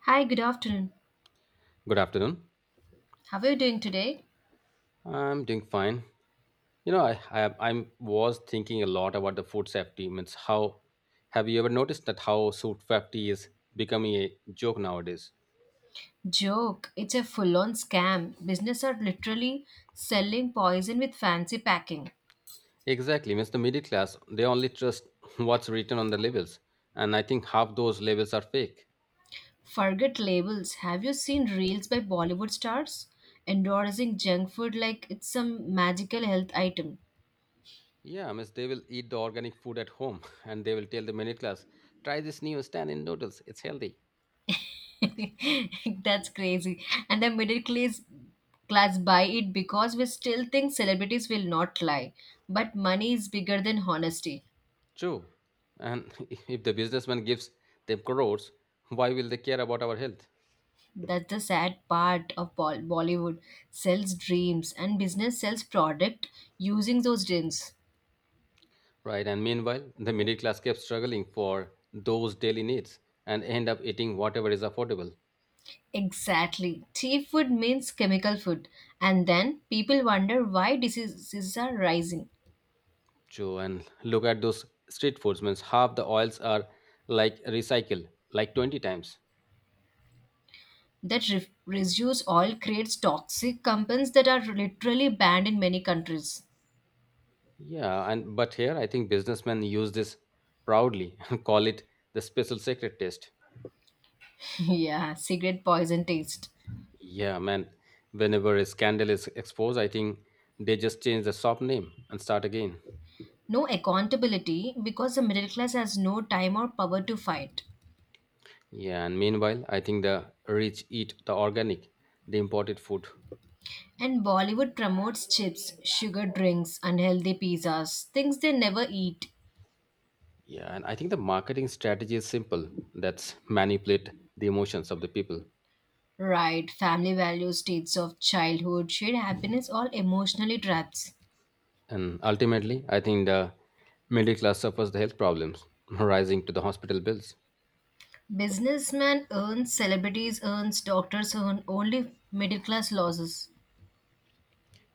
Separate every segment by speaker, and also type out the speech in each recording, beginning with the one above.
Speaker 1: Hi, good afternoon.
Speaker 2: Good afternoon.
Speaker 1: How are you doing today?
Speaker 2: I'm doing fine. You know, I I'm was thinking a lot about the food safety. Means how have you ever noticed that how food safety is becoming a joke nowadays?
Speaker 1: Joke, it's a full on scam. Business are literally selling poison with fancy packing.
Speaker 2: Exactly. Means the middle class they only trust what's written on the labels, and I think half those labels are fake.
Speaker 1: Forget labels. Have you seen reels by Bollywood stars endorsing junk food like it's some magical health item?
Speaker 2: Yeah, means they will eat the organic food at home, and they will tell the middle class, try this new stand in noodles. It's healthy.
Speaker 1: That's crazy. And the middle class buy it because we still think celebrities will not lie. But money is bigger than honesty.
Speaker 2: True. And if the businessman gives them crores, why will they care about our health?
Speaker 1: That's the sad part of Bollywood. Sells dreams and business sells product using those dreams.
Speaker 2: Right, and meanwhile, the middle class kept struggling for those daily needs and end up eating whatever is affordable.
Speaker 1: Exactly. Tea food means chemical food. And then people wonder why diseases are rising.
Speaker 2: Joe, and look at those street foods, means half the oils are like recycled, like 20 times.
Speaker 1: That residues all creates toxic compounds that are literally banned in many countries.
Speaker 2: Yeah, and but here I think businessmen use this proudly and call it the special secret taste.
Speaker 1: Yeah, cigarette poison taste.
Speaker 2: Yeah, man, whenever a scandal is exposed, I think they just change the shop name and start again.
Speaker 1: No accountability because the middle class has no time or power to fight.
Speaker 2: Yeah, and meanwhile, I think the rich eat the organic, the imported food.
Speaker 1: And Bollywood promotes chips, sugar drinks, unhealthy pizzas, things they never eat.
Speaker 2: Yeah, and I think the marketing strategy is simple. That's manipulate the emotions of the people.
Speaker 1: Right, family values, states of childhood, shared happiness, all emotionally traps.
Speaker 2: And ultimately, I think the middle class suffers the health problems rising to the hospital bills.
Speaker 1: Businessmen earn, celebrities earn, doctors earn, only middle class losses.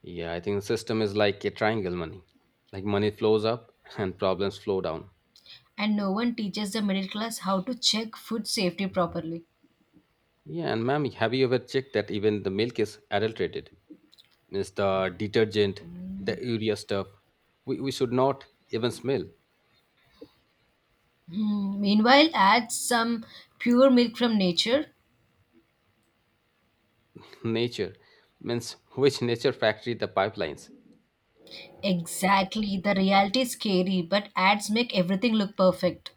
Speaker 2: Yeah, I think the system is like a triangle money. Like money flows up and problems flow down.
Speaker 1: And no one teaches the middle class how to check food safety properly.
Speaker 2: Yeah, and ma'am, have you ever checked that even the milk is adulterated? Means the detergent, the urea stuff. We should not even smell
Speaker 1: Hmm, meanwhile, add some pure milk from nature.
Speaker 2: nature. Means which nature factory the pipelines?
Speaker 1: Exactly, the reality is scary, but ads make everything look perfect.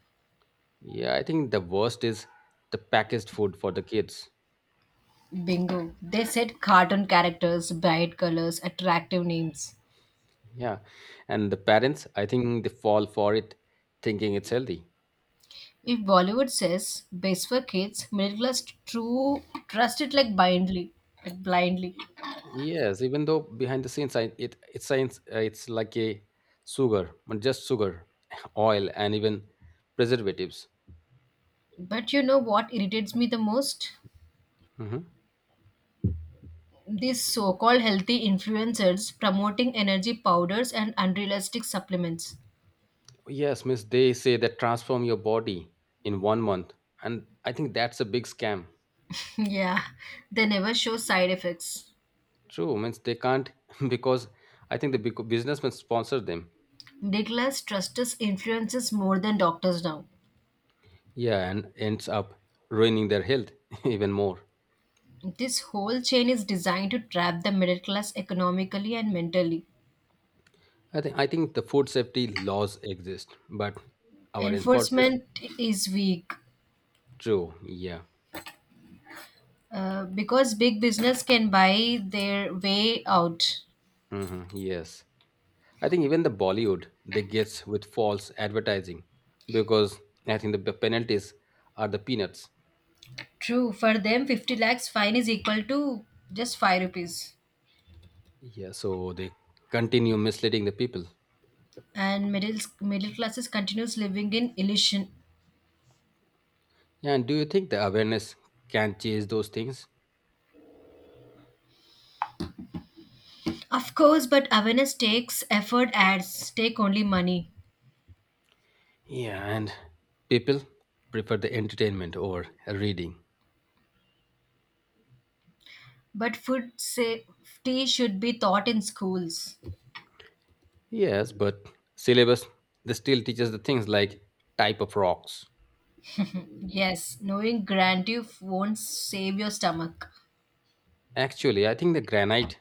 Speaker 2: Yeah, I think the worst is the packaged food for the kids.
Speaker 1: Bingo. They said cartoon characters, bright colors, attractive names.
Speaker 2: Yeah. And the parents, I think they fall for it thinking it's healthy.
Speaker 1: If Bollywood says best for kids, middle class true trust it like blindly, like blindly.
Speaker 2: Yes, even though behind the scenes I, it science it's like a sugar, but just sugar, oil and even preservatives.
Speaker 1: But you know what irritates me the most?
Speaker 2: Hmm.
Speaker 1: These so-called healthy influencers promoting energy powders and unrealistic supplements.
Speaker 2: Yes, miss, they say that transform your body in 1 month. And I think that's a big scam.
Speaker 1: Yeah, they never show side effects.
Speaker 2: True, means they can't because I think the big businessmen sponsor them.
Speaker 1: Middle class trusts influences more than doctors now.
Speaker 2: Yeah, and ends up ruining their health even more.
Speaker 1: This whole chain is designed to trap the middle class economically and mentally.
Speaker 2: I think the food safety laws exist, but our enforcement
Speaker 1: Enforcement is weak,
Speaker 2: true. Yeah.
Speaker 1: because big business can buy their way out.
Speaker 2: Hmm. Yes. I think even the Bollywood they gets with false advertising because I think the penalties are the peanuts.
Speaker 1: True, for them, 50 lakhs fine is equal to just 5 rupees.
Speaker 2: Yeah, so they continue misleading the people.
Speaker 1: And middle classes continues living in illusion.
Speaker 2: Yeah, and do you think the awareness can change those things?
Speaker 1: Of course, but awareness takes effort, ads take only money.
Speaker 2: Yeah, and people prefer the entertainment over reading.
Speaker 1: But food safety should be taught in schools.
Speaker 2: Yes, but syllabus they still teaches the things like type of rocks.
Speaker 1: Yes, knowing grandeur won't save your stomach.
Speaker 2: Actually, I think the granite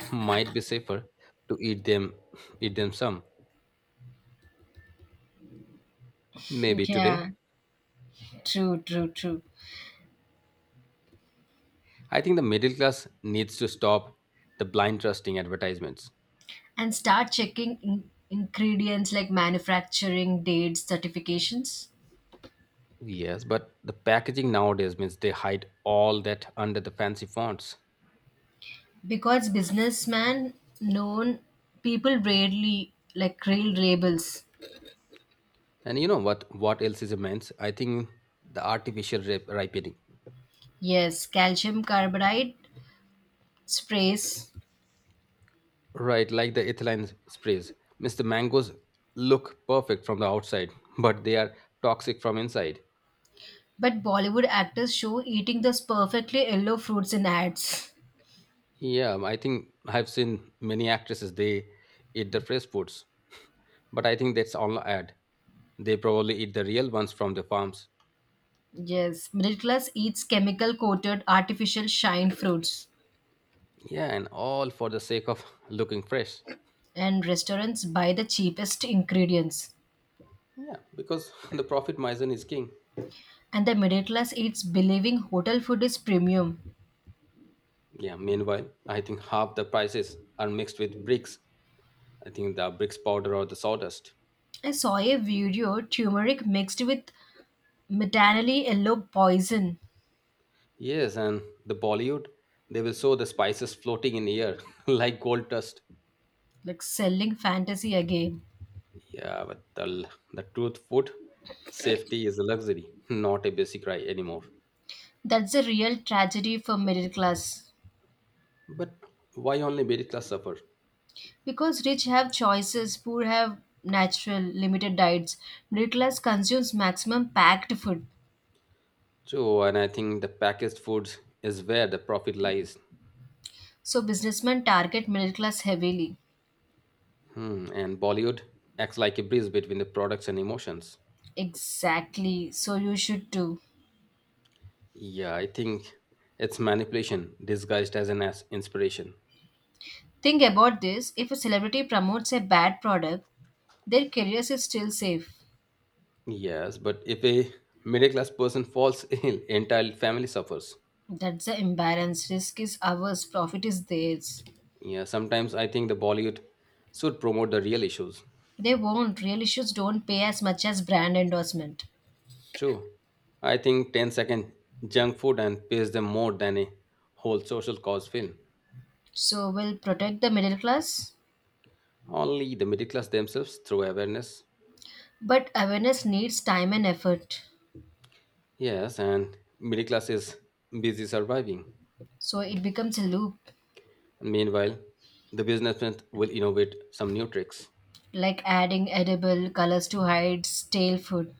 Speaker 2: might be safer to eat them some. Maybe today.
Speaker 1: Yeah, true, true, true.
Speaker 2: I think the middle class needs to stop the blind trusting advertisements.
Speaker 1: And start checking ingredients like manufacturing dates, certifications.
Speaker 2: Yes, but the packaging nowadays means they hide all that under the fancy fonts.
Speaker 1: Because businessman known people rarely like real rebels.
Speaker 2: And you know what else is immense? I think the artificial ripening.
Speaker 1: Yes, calcium carbide sprays.
Speaker 2: Right, like the ethylene sprays. Means the mangoes look perfect from the outside, but they are toxic from inside.
Speaker 1: But Bollywood actors show eating those perfectly yellow fruits in ads.
Speaker 2: Yeah, I think I've seen many actresses they eat the fresh foods, but I think that's all ad. They probably eat the real ones from the farms.
Speaker 1: Yes, middle class eats chemical coated artificial shine fruits.
Speaker 2: Yeah, and all for the sake of looking fresh.
Speaker 1: And restaurants buy the cheapest ingredients
Speaker 2: Yeah, because the profit margin is king.
Speaker 1: and the middle class eats believing hotel food is premium.
Speaker 2: Yeah, meanwhile, I think half the prices are mixed with bricks. I think the bricks powder or the sawdust.
Speaker 1: I saw a video turmeric mixed with metanally yellow poison,
Speaker 2: Yes, and the Bollywood, they will show the spices floating in air like gold dust.
Speaker 1: like selling fantasy again.
Speaker 2: Yeah, but the, the truth, food safety is a luxury, not a basic right anymore.
Speaker 1: That's a real tragedy for middle class.
Speaker 2: But why only middle class suffer?
Speaker 1: Because rich have choices, poor have natural, limited diets. Middle class consumes maximum packed food.
Speaker 2: So, and I think the packaged foods is where the profit lies.
Speaker 1: So businessmen target middle class heavily.
Speaker 2: Hmm, and Bollywood acts like a bridge between the products and emotions.
Speaker 1: Exactly. So you should too.
Speaker 2: Yeah, I think it's manipulation disguised as an as inspiration.
Speaker 1: Think about this if a celebrity promotes a bad product, their career is still safe.
Speaker 2: Yes, but if a middle class person falls ill, entire family suffers.
Speaker 1: That's the imbalance. Risk is ours, profit is theirs.
Speaker 2: Yeah, sometimes I think the Bollywood should promote the real issues.
Speaker 1: They won't. Real issues don't pay as much as brand endorsement.
Speaker 2: True. I think 10 second junk food and pays them more than a whole social cause film.
Speaker 1: So we'll protect the middle class.
Speaker 2: Only the middle class themselves through awareness.
Speaker 1: But awareness needs time and effort.
Speaker 2: Yes, and middle class is busy surviving.
Speaker 1: So it becomes a loop,
Speaker 2: Meanwhile, the businessman will innovate some new tricks,
Speaker 1: like adding edible colors to hide stale food.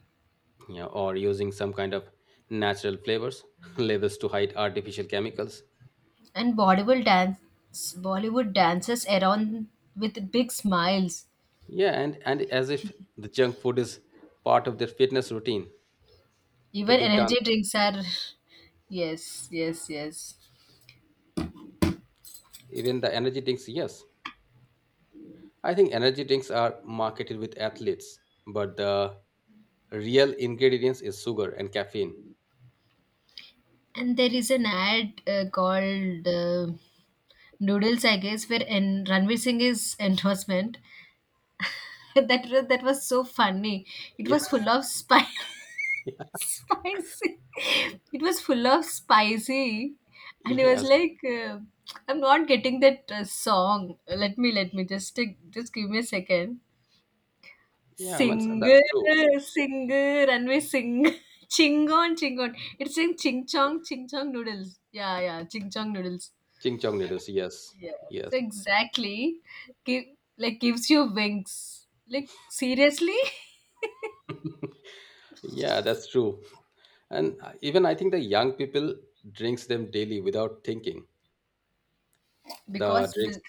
Speaker 2: you know, or using some kind of natural flavors, labels to hide artificial chemicals.
Speaker 1: And Bollywood dances around with big smiles.
Speaker 2: Yeah, and as if the junk food is part of their fitness routine, the
Speaker 1: Even
Speaker 2: big
Speaker 1: energy
Speaker 2: dance,
Speaker 1: drinks are. Yes, yes, yes.
Speaker 2: even the energy drinks. Yes, I think energy drinks are marketed with athletes, but the real ingredients is sugar and caffeine.
Speaker 1: And there is an ad called Noodles, I guess, where and Ranveer Singh is endorsement. That was so funny. It
Speaker 2: Yeah,
Speaker 1: was full of spice.
Speaker 2: yeah.
Speaker 1: Spicy. It was full of spicy, and it was
Speaker 2: Yes,
Speaker 1: like, I'm not getting that song. Let me just give me a second.
Speaker 2: yeah, man,
Speaker 1: Singer,
Speaker 2: that's true.
Speaker 1: singer, sink, sink chingon, chingon. It's in ching chong noodles. Yeah, yeah, ching ching chong noodles.
Speaker 2: Ching chong noodles. Yes,
Speaker 1: Yes,
Speaker 2: yes,
Speaker 1: exactly. Give, like gives you wings. Like seriously?
Speaker 2: yeah, that's true. And even I think the young people drinks them daily without thinking. The
Speaker 1: Because
Speaker 2: drinks
Speaker 1: b-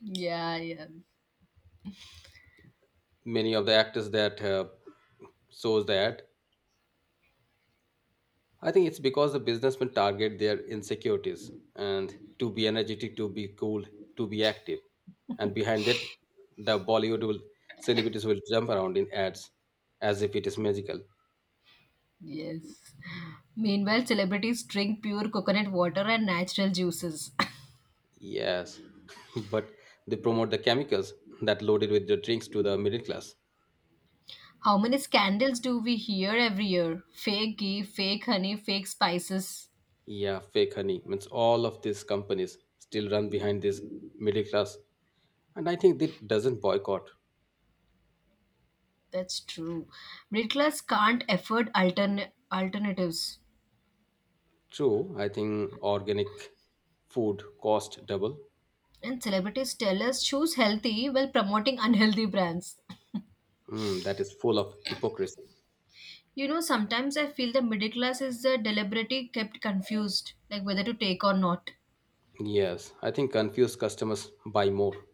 Speaker 1: yeah, yeah.
Speaker 2: many of the actors that shows that I think it's because the businessmen target their insecurities and to be energetic, to be cool, to be active. And behind that, the Bollywood will, celebrities will jump around in ads as if it is magical.
Speaker 1: Yes. Meanwhile, celebrities drink pure coconut water and natural juices.
Speaker 2: Yes, but they promote the chemicals that loaded with the drinks to the middle class.
Speaker 1: How many scandals do we hear every year? Fake ghee, fake honey, fake spices.
Speaker 2: Yeah, fake honey means all of these companies still run behind this middle class and I think that doesn't boycott.
Speaker 1: That's true. Middle class can't afford alternatives.
Speaker 2: True, I think organic food cost double.
Speaker 1: And celebrities tell us choose healthy while promoting unhealthy brands.
Speaker 2: Hmm, that is full of hypocrisy.
Speaker 1: You know, sometimes I feel the middle class is deliberately kept confused, like whether to take or not.
Speaker 2: Yes, I think confused customers buy more.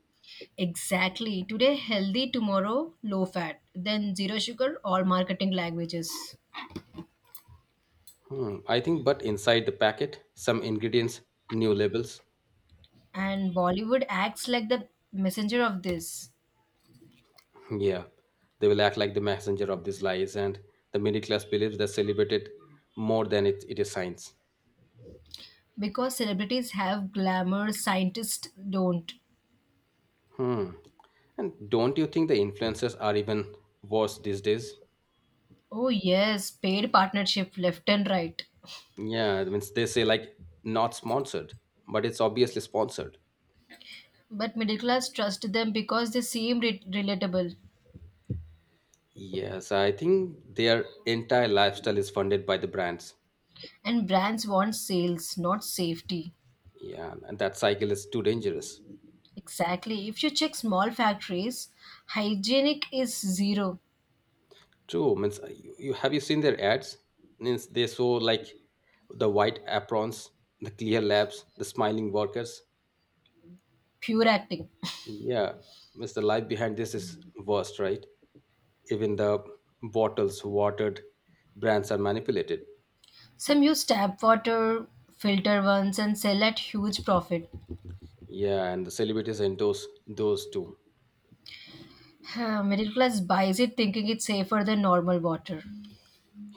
Speaker 1: Exactly. Today healthy, tomorrow low fat, then zero sugar, all marketing languages.
Speaker 2: Hmm, I think, but inside the packet, some ingredients, new labels.
Speaker 1: And Bollywood acts like the messenger of this
Speaker 2: Yeah, they will act like the messenger of these lies, and the middle class believes they celebrated more than it is science.
Speaker 1: because celebrities have glamour, scientists don't.
Speaker 2: Hmm. And don't you think the influencers are even worse these days?
Speaker 1: Oh, yes, paid partnership left and right.
Speaker 2: Yeah, I mean, they say like not sponsored, but it's obviously sponsored.
Speaker 1: But middle class trust them because they seem relatable.
Speaker 2: Yes, I think their entire lifestyle is funded by the brands.
Speaker 1: And brands want sales, not safety.
Speaker 2: Yeah, and that cycle is too dangerous.
Speaker 1: Exactly. If you check small factories, hygienic is zero.
Speaker 2: True, means you have you seen their ads? Means they show like the white aprons, the clear labs, the smiling workers.
Speaker 1: Pure acting.
Speaker 2: Yeah, means the life behind this is worst, right? Even the bottles, watered brands are manipulated.
Speaker 1: Some use tap water, filter ones, and sell at huge profit.
Speaker 2: Yeah, and the celebrities endorse those too.
Speaker 1: Huh, middle class buys it thinking it's safer than normal water.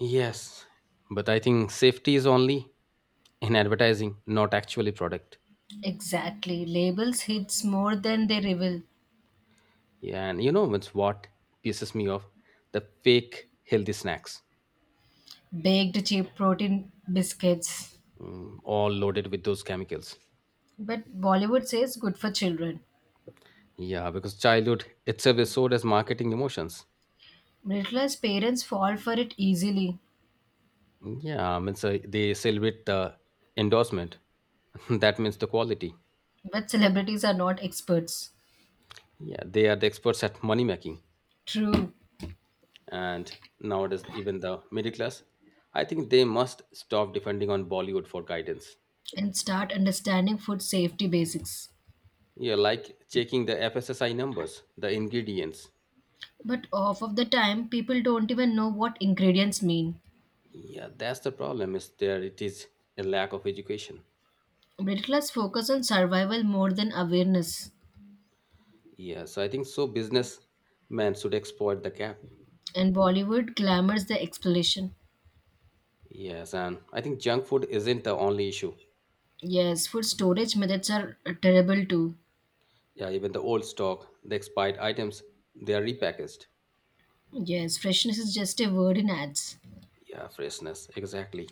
Speaker 2: Yes, but I think safety is only in advertising, not actually product.
Speaker 1: Exactly. Labels hits more than they reveal.
Speaker 2: Yeah, and you know what's what pisses me off? The fake healthy snacks,
Speaker 1: Baked cheap protein biscuits.
Speaker 2: mm, all loaded with those chemicals.
Speaker 1: But Bollywood says good for children.
Speaker 2: Yeah, because childhood itself is sold as marketing emotions.
Speaker 1: Middle class parents fall for it easily,
Speaker 2: Yeah, I mean, so they celebrate the endorsement. That means the quality.
Speaker 1: but celebrities are not experts.
Speaker 2: Yeah, they are the experts at money making.
Speaker 1: True,
Speaker 2: And nowadays, even the middle class, I think they must stop depending on Bollywood for guidance.
Speaker 1: and start understanding food safety basics.
Speaker 2: Yeah, like checking the FSSI numbers, the ingredients.
Speaker 1: But half of the time, people don't even know what ingredients mean.
Speaker 2: Yeah, that's the problem. Is there it is a lack of education.
Speaker 1: Middle class focus on survival more than awareness,
Speaker 2: Yeah, so I think so businessmen should exploit the gap.
Speaker 1: and Bollywood glamours the exploration.
Speaker 2: Yes, and I think junk food isn't the only issue.
Speaker 1: Yes, food storage methods are terrible too.
Speaker 2: Yeah, even the old stock, the expired items, they are repackaged.
Speaker 1: Yes, freshness is just a word in ads.
Speaker 2: Yeah, freshness, exactly.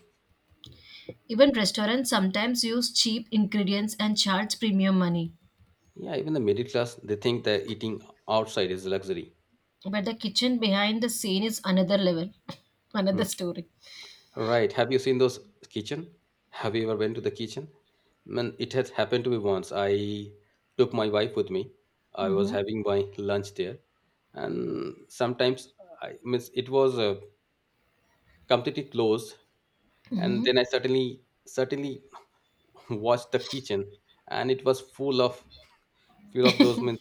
Speaker 1: Even restaurants sometimes use cheap ingredients and charge premium money.
Speaker 2: Yeah, even the middle class, they think that eating outside is luxury.
Speaker 1: But the kitchen behind the scene is another level, another
Speaker 2: Hmm.
Speaker 1: story.
Speaker 2: Right. Have you seen those kitchen? Have you ever been to the kitchen? Man, it has happened to me once. I took my wife with me. I was
Speaker 1: Hmm.
Speaker 2: having my lunch there, and sometimes I miss it was completely closed. And then I suddenly watched the kitchen, and it was full of those. Means,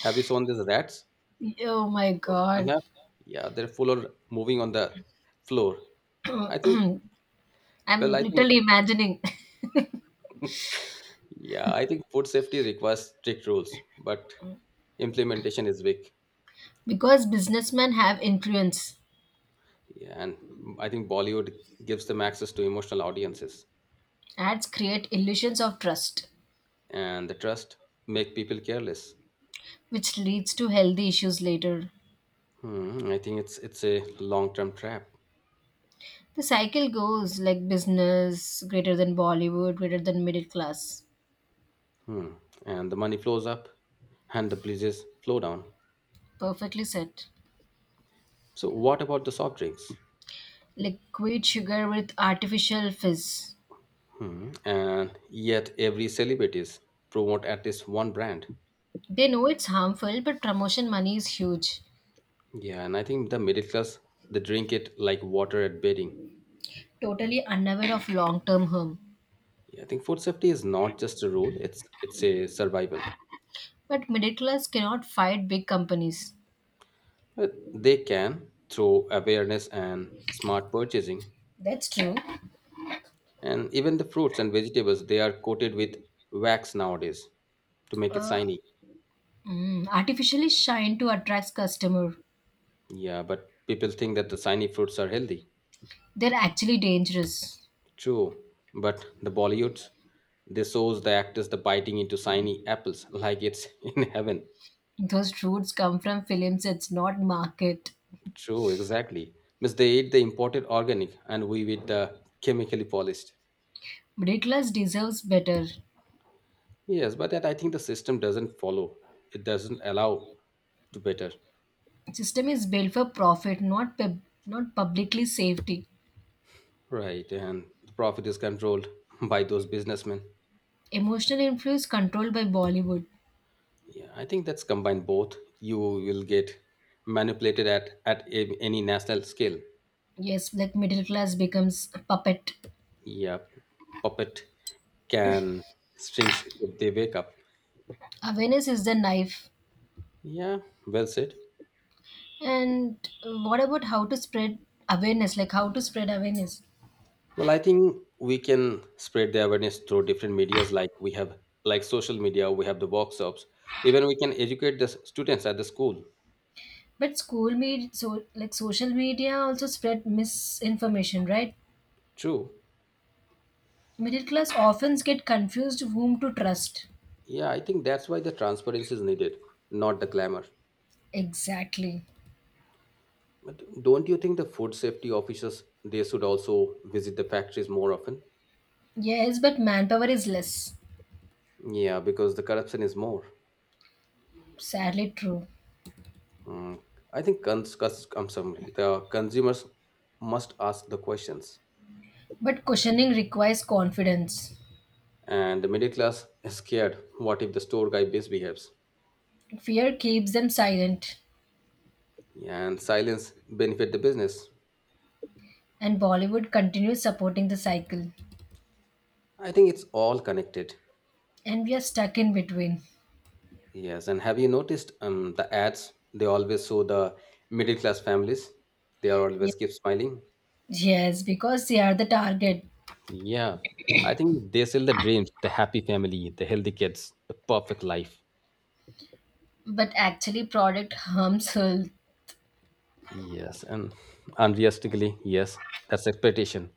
Speaker 2: have you seen these rats?
Speaker 1: Oh my
Speaker 2: Oh,
Speaker 1: god.
Speaker 2: yeah, they're full of moving on the floor. I think. Well,
Speaker 1: I'm
Speaker 2: I think
Speaker 1: literally imagining.
Speaker 2: yeah, I think food safety requires strict rules, but implementation is weak.
Speaker 1: Because businessmen have influence,
Speaker 2: Yeah, and I think Bollywood gives them access to emotional audiences,
Speaker 1: ads create illusions of trust,
Speaker 2: and the trust make people careless.
Speaker 1: which leads to healthy issues later.
Speaker 2: Hmm, I think it's a long term trap.
Speaker 1: The cycle goes like business greater than Bollywood, greater than middle class.
Speaker 2: Hmm. And the money flows up, and the pleases flow down.
Speaker 1: Perfectly said.
Speaker 2: So what about the soft drinks?
Speaker 1: Liquid sugar with artificial fizz.
Speaker 2: Hmm. And yet every celebrities promote at least one brand.
Speaker 1: They know it's harmful, but promotion money is huge,
Speaker 2: Yeah, and I think the middle class they drink it like water at bedding.
Speaker 1: totally unaware of long term harm.
Speaker 2: Yeah, I think food safety is not just a rule; it's a survival.
Speaker 1: But middle class cannot fight big companies.
Speaker 2: But they can through awareness and smart purchasing,
Speaker 1: That's true.
Speaker 2: and even the fruits and vegetables they are coated with wax nowadays to make it shiny.
Speaker 1: Mm, artificially shine to attract customer.
Speaker 2: Yeah, but people think that the shiny fruits are healthy.
Speaker 1: They're actually dangerous.
Speaker 2: True, but the Bollywoods they shows the actors the biting into shiny apples like it's in heaven.
Speaker 1: Those fruits come from films, it's not market.
Speaker 2: True, exactly. Means they eat the imported organic, and we eat the chemically polished.
Speaker 1: Middle class deserves better.
Speaker 2: Yes, but that I think the system doesn't follow. It doesn't allow to better.
Speaker 1: System is built for profit, not publicly safety.
Speaker 2: Right, and the profit is controlled by those businessmen.
Speaker 1: Emotional influence controlled by Bollywood.
Speaker 2: Yeah, I think that's combined both. You will get manipulated at any national scale.
Speaker 1: Yes, like middle class becomes a puppet.
Speaker 2: Yeah, puppet can strings if they wake up.
Speaker 1: Awareness is the knife.
Speaker 2: Yeah, well said.
Speaker 1: And what about how to spread awareness?
Speaker 2: Well, I think we can spread the awareness through different medias, like we have, like social media. We have the workshops. Even we can educate the students at the school.
Speaker 1: But school media so like social media also spread misinformation, right?
Speaker 2: True.
Speaker 1: Middle class often get confused whom to trust.
Speaker 2: Yeah, I think that's why the transparency is needed, not the glamour.
Speaker 1: Exactly.
Speaker 2: But don't you think the food safety officers they should also visit the factories more often?
Speaker 1: Yes, but manpower is less.
Speaker 2: Yeah, because the corruption is more.
Speaker 1: Sadly true.
Speaker 2: Mm. I think I'm sorry, the consumers must ask the questions,
Speaker 1: But questioning requires confidence.
Speaker 2: and the middle class is scared. What if the store guy misbehaves?
Speaker 1: Fear keeps them silent.
Speaker 2: Yeah, and silence benefit the business.
Speaker 1: And Bollywood continues supporting the cycle.
Speaker 2: I think it's all connected.
Speaker 1: And we are stuck in between.
Speaker 2: Yes, and have you noticed the ads? They always show the middle class families. They are always keep smiling.
Speaker 1: Yes, because they are the target.
Speaker 2: Yeah, I think they sell the dreams, the happy family, the healthy kids, the perfect life.
Speaker 1: But actually, product harms health.
Speaker 2: Yes, and unrealistically, yes, that's expectation,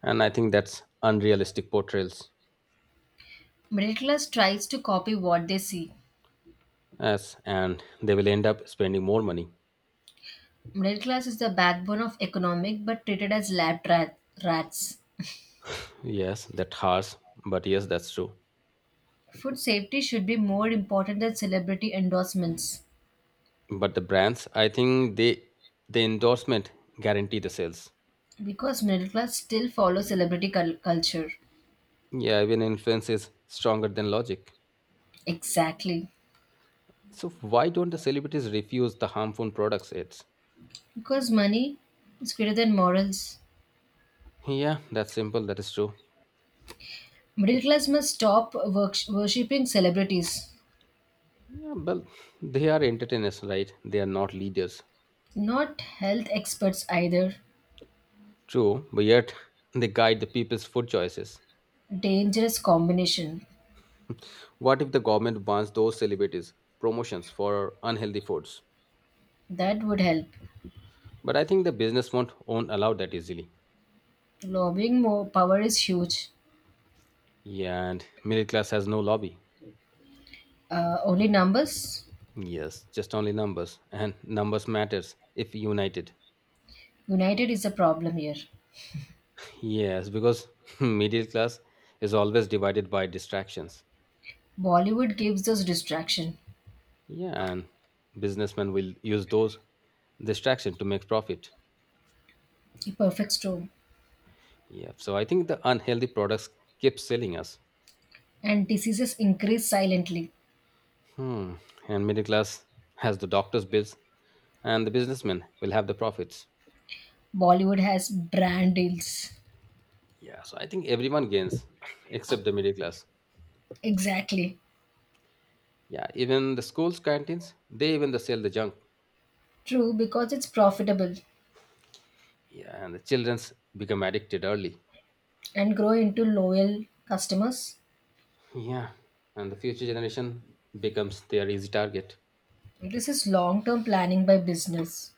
Speaker 2: and I think that's unrealistic portrayals.
Speaker 1: Middle class tries to copy what they see.
Speaker 2: Yes, and they will end up spending more money.
Speaker 1: Middle class is the backbone of economic, but treated as lab rats.
Speaker 2: Yes, that harsh, but yes, that's true.
Speaker 1: Food safety should be more important than celebrity endorsements
Speaker 2: But the brands, I think they the endorsement guarantee the sales.
Speaker 1: because middle class still follows celebrity culture.
Speaker 2: Yeah, even influence is stronger than logic.
Speaker 1: Exactly.
Speaker 2: So why don't the celebrities refuse the harmful products ads?
Speaker 1: Because money is greater than morals.
Speaker 2: Yeah, that's simple, that is true.
Speaker 1: Middle class must stop worshipping celebrities,
Speaker 2: Yeah, well, they are entertainers, right? They are not leaders.
Speaker 1: not health experts either.
Speaker 2: True, but yet they guide the people's food choices.
Speaker 1: Dangerous combination.
Speaker 2: What if the government bans those celebrities promotions for unhealthy foods?
Speaker 1: That would help.
Speaker 2: But I think the business won't allow that easily.
Speaker 1: Lobbying more power is huge.
Speaker 2: Yeah, and middle class has no lobby.
Speaker 1: Only numbers?
Speaker 2: Yes, just only numbers, and numbers matters if united.
Speaker 1: United is a problem here.
Speaker 2: Yes, because middle class is always divided by distractions.
Speaker 1: Bollywood gives us distraction,
Speaker 2: Yeah, and businessmen will use those distraction to make profit.
Speaker 1: a perfect storm,
Speaker 2: Yeah, so I think the unhealthy products keep selling us.
Speaker 1: and diseases increase silently.
Speaker 2: Hmm. And middle class has the doctor's bills, and the businessmen will have the profits.
Speaker 1: Bollywood has brand deals.
Speaker 2: Yeah, so I think everyone gains except the middle class.
Speaker 1: Exactly.
Speaker 2: Yeah, even the schools canteens, they even the sell the junk.
Speaker 1: True, because it's profitable
Speaker 2: Yeah, and the childrens become addicted early.
Speaker 1: and grow into loyal customers.
Speaker 2: Yeah, and the future generation becomes their easy target.
Speaker 1: This is long term planning by business.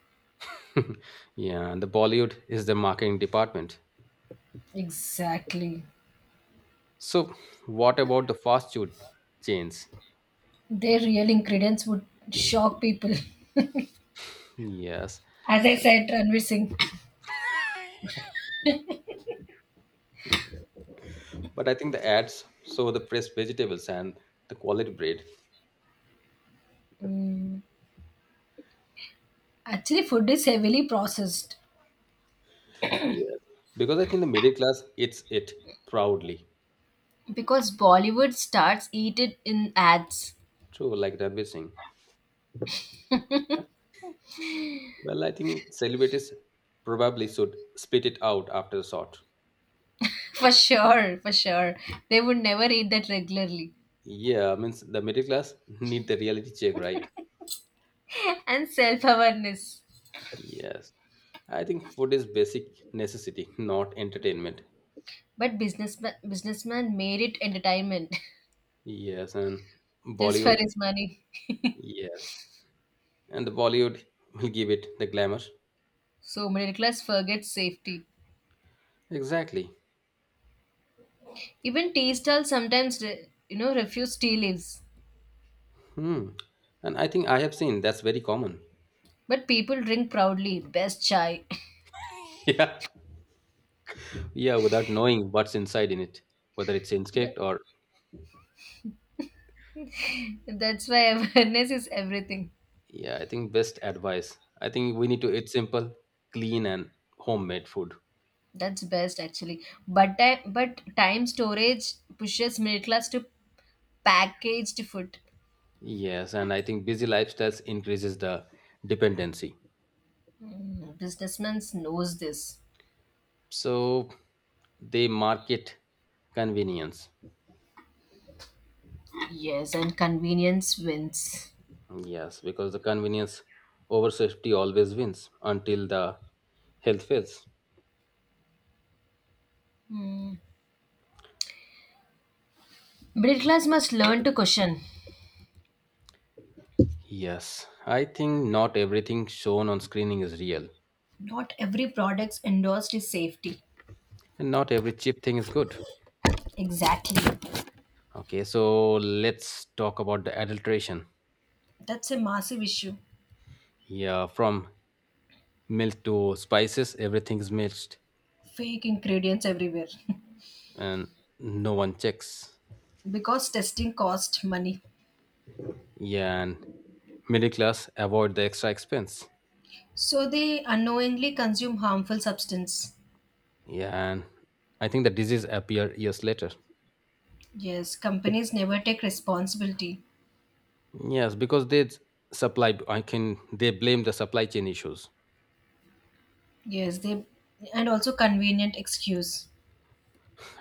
Speaker 2: yeah, and the Bollywood is the marketing department.
Speaker 1: Exactly.
Speaker 2: So, what about the fast food chains?
Speaker 1: Their real ingredients would shock people.
Speaker 2: Yes,
Speaker 1: As I said, Ranveer Singh.
Speaker 2: but I think the ads show the fresh vegetables and the quality bread.
Speaker 1: Actually, food is heavily processed.
Speaker 2: Yes, because I think the middle class eats it proudly.
Speaker 1: Because Bollywood stars eat it in ads.
Speaker 2: True, like Ranveer Singh. Yeah. Well, I think celebrities probably should spit it out after a shot.
Speaker 1: For sure, for sure. They would never eat that regularly.
Speaker 2: Yeah, means the middle class need the reality check, right?
Speaker 1: And self awareness.
Speaker 2: Yes. I think food is basic necessity, not entertainment.
Speaker 1: But businessman made it entertainment.
Speaker 2: Yes, and
Speaker 1: Just for
Speaker 2: Bollywood.
Speaker 1: his money.
Speaker 2: Yes. And the Bollywood will give it the glamour.
Speaker 1: So middle class forgets safety.
Speaker 2: Exactly.
Speaker 1: Even tea stalls sometimes refuse tea leaves.
Speaker 2: Hmm. And I think I have seen that's very common.
Speaker 1: But people drink proudly. Best chai.
Speaker 2: yeah. Yeah, without knowing what's inside in it, whether it's
Speaker 1: That-
Speaker 2: insect or
Speaker 1: That's why awareness is everything.
Speaker 2: yeah, I think best advice. I think we need to eat simple, clean and homemade food.
Speaker 1: That's best actually. But but time storage pushes middle class to packaged food.
Speaker 2: Yes, and I think busy lifestyles increases the dependency.
Speaker 1: Mm, businessmen knows this.
Speaker 2: So they market convenience.
Speaker 1: Yes, and convenience wins.
Speaker 2: Yes, because the convenience over safety always wins until the health fails.
Speaker 1: Middle class must learn to caution.
Speaker 2: Yes, I think not everything shown on screening is real,
Speaker 1: Not every product endorsed is safety.
Speaker 2: and not every cheap thing is good.
Speaker 1: Exactly.
Speaker 2: Okay, so let's talk about the adulteration.
Speaker 1: That's a massive issue.
Speaker 2: Yeah, from milk to spices everything is mixed,
Speaker 1: Fake ingredients everywhere.
Speaker 2: and no one checks.
Speaker 1: Because testing costs money.
Speaker 2: Yeah, and middle class avoid the extra expense.
Speaker 1: So they unknowingly consume harmful substance.
Speaker 2: Yeah, and I think the disease appeared years later.
Speaker 1: Yes, companies never take responsibility.
Speaker 2: Yes, because they supply. I can. They blame the supply chain issues,
Speaker 1: Yes, they and also convenient excuse.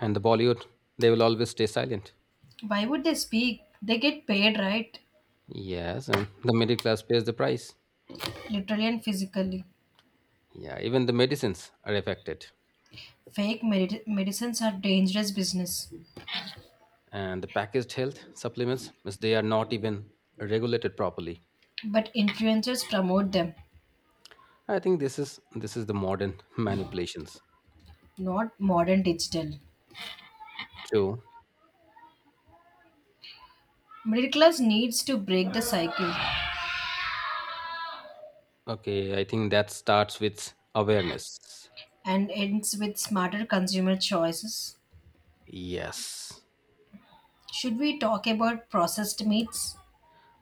Speaker 2: and the Bollywood. They will always stay silent.
Speaker 1: Why would they speak? They get paid, right?
Speaker 2: Yes, and the middle class pays the price.
Speaker 1: Literally and physically.
Speaker 2: Yeah, even the medicines are affected,
Speaker 1: Fake medicines are dangerous business,
Speaker 2: and the packaged health supplements, means they are not even regulated properly.
Speaker 1: but influencers promote them,
Speaker 2: I think this is the modern manipulations.
Speaker 1: not modern digital.
Speaker 2: True.
Speaker 1: Middle class needs to break the cycle
Speaker 2: Okay, I think that starts with awareness.
Speaker 1: and ends with smarter consumer choices.
Speaker 2: Yes.
Speaker 1: Should we talk about processed meats?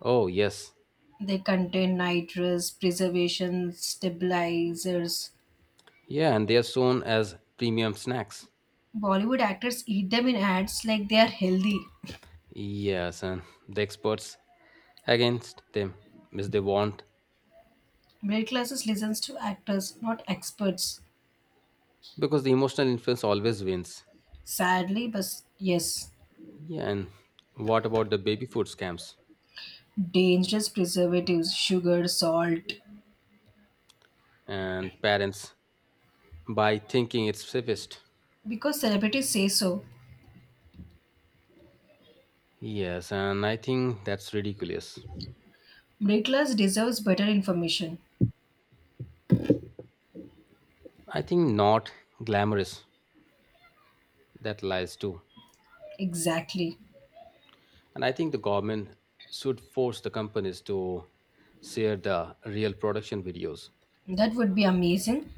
Speaker 2: Oh, yes.
Speaker 1: They contain nitrous, preservation, stabilizers.
Speaker 2: Yeah, and they are shown as premium snacks.
Speaker 1: Bollywood actors eat them in ads like they are healthy.
Speaker 2: Yes, and the experts against them miss they want
Speaker 1: Middle classes listens to actors, not experts.
Speaker 2: because the emotional influence always wins.
Speaker 1: Sadly, but yes,
Speaker 2: Yeah, and what about the baby food scams
Speaker 1: dangerous preservatives, sugar, salt.
Speaker 2: and parents by thinking it's safest?
Speaker 1: Because celebrities say so,
Speaker 2: Yes, and I think that's ridiculous.
Speaker 1: middle class deserves better information.
Speaker 2: I think not glamorous that lies too.
Speaker 1: Exactly.
Speaker 2: And I think the government should force the companies to share the real production videos
Speaker 1: That would be amazing.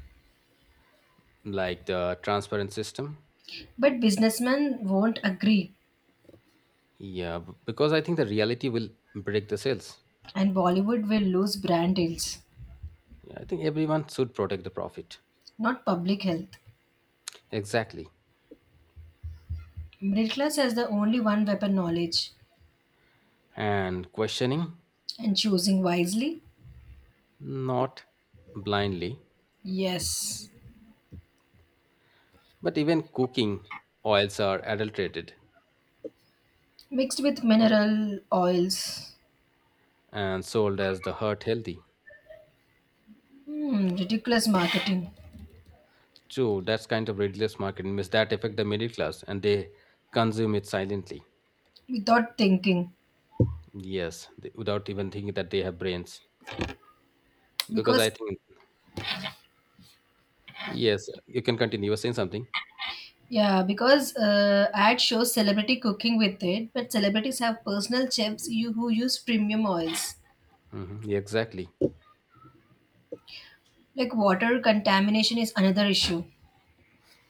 Speaker 2: like the transparent system.
Speaker 1: But businessmen won't agree,
Speaker 2: Yeah, because I think the reality will break the sales.
Speaker 1: and Bollywood will lose brand deals,
Speaker 2: Yeah, I think everyone should protect the profit.
Speaker 1: not public health.
Speaker 2: Exactly.
Speaker 1: Middle class has the only one weapon knowledge,
Speaker 2: And questioning,
Speaker 1: and choosing wisely,
Speaker 2: not blindly,
Speaker 1: yes.
Speaker 2: but even cooking oils are adulterated
Speaker 1: Mixed with mineral oils.
Speaker 2: and sold as the heart healthy.
Speaker 1: Hmm, ridiculous marketing
Speaker 2: True, that's kind of ridiculous marketing. Miss that affect the middle class and they consume it silently.
Speaker 1: without thinking.
Speaker 2: Yes, they- without even thinking that they have brains. Because I
Speaker 1: Because
Speaker 2: think, yes, you can continue. You were saying something.
Speaker 1: Yeah, because ad shows celebrity cooking with it, but celebrities have personal chefs who use premium oils.
Speaker 2: Hmm, exactly.
Speaker 1: Like water contamination is another issue,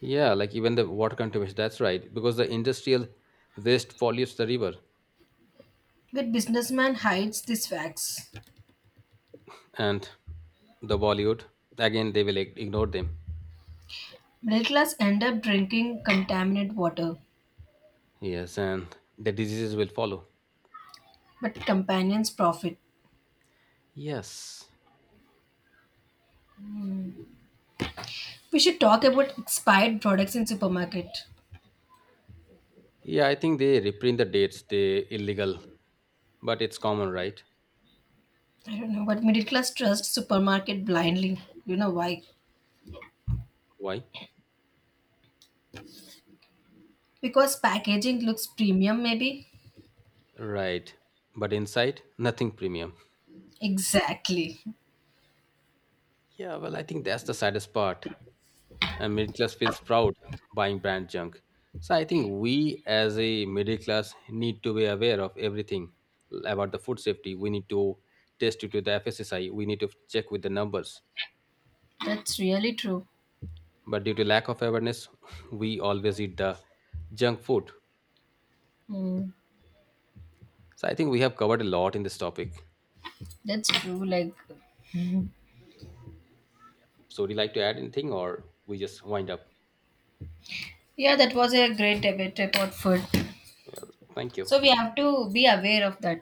Speaker 2: Yeah, like even the water contamination. That's right, because the industrial waste pollutes the river,
Speaker 1: but businessman hides these facts.
Speaker 2: and the Bollywood again they will ignore them.
Speaker 1: Middle class end up drinking contaminated water,
Speaker 2: Yes, and the diseases will follow.
Speaker 1: but companions profit.
Speaker 2: Yes.
Speaker 1: We should talk about expired products in supermarket.
Speaker 2: Yeah, I think they reprint the dates. They illegal, but it's common, right?
Speaker 1: I don't know, but middle class trust supermarket blindly. You know why?
Speaker 2: Why?
Speaker 1: Because packaging looks premium, maybe?
Speaker 2: Right. But inside, nothing premium.
Speaker 1: Exactly.
Speaker 2: Yeah, well, I think that's the saddest part. And middle class feels proud buying brand junk. So I think we as a middle class need to be aware of everything about the food safety. We need to test it with the FSSI. We need to check with the numbers.
Speaker 1: That's really true.
Speaker 2: But due to lack of awareness, we always eat the junk food.
Speaker 1: Hmm.
Speaker 2: So I think we have covered a lot in this topic.
Speaker 1: That's true. Like, mhm.
Speaker 2: So would you like to add anything or we just wind up?
Speaker 1: Yeah, that was a great debate about food.
Speaker 2: Thank you.
Speaker 1: So we have to be aware of that.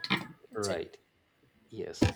Speaker 1: That's it.
Speaker 2: Right. Yes.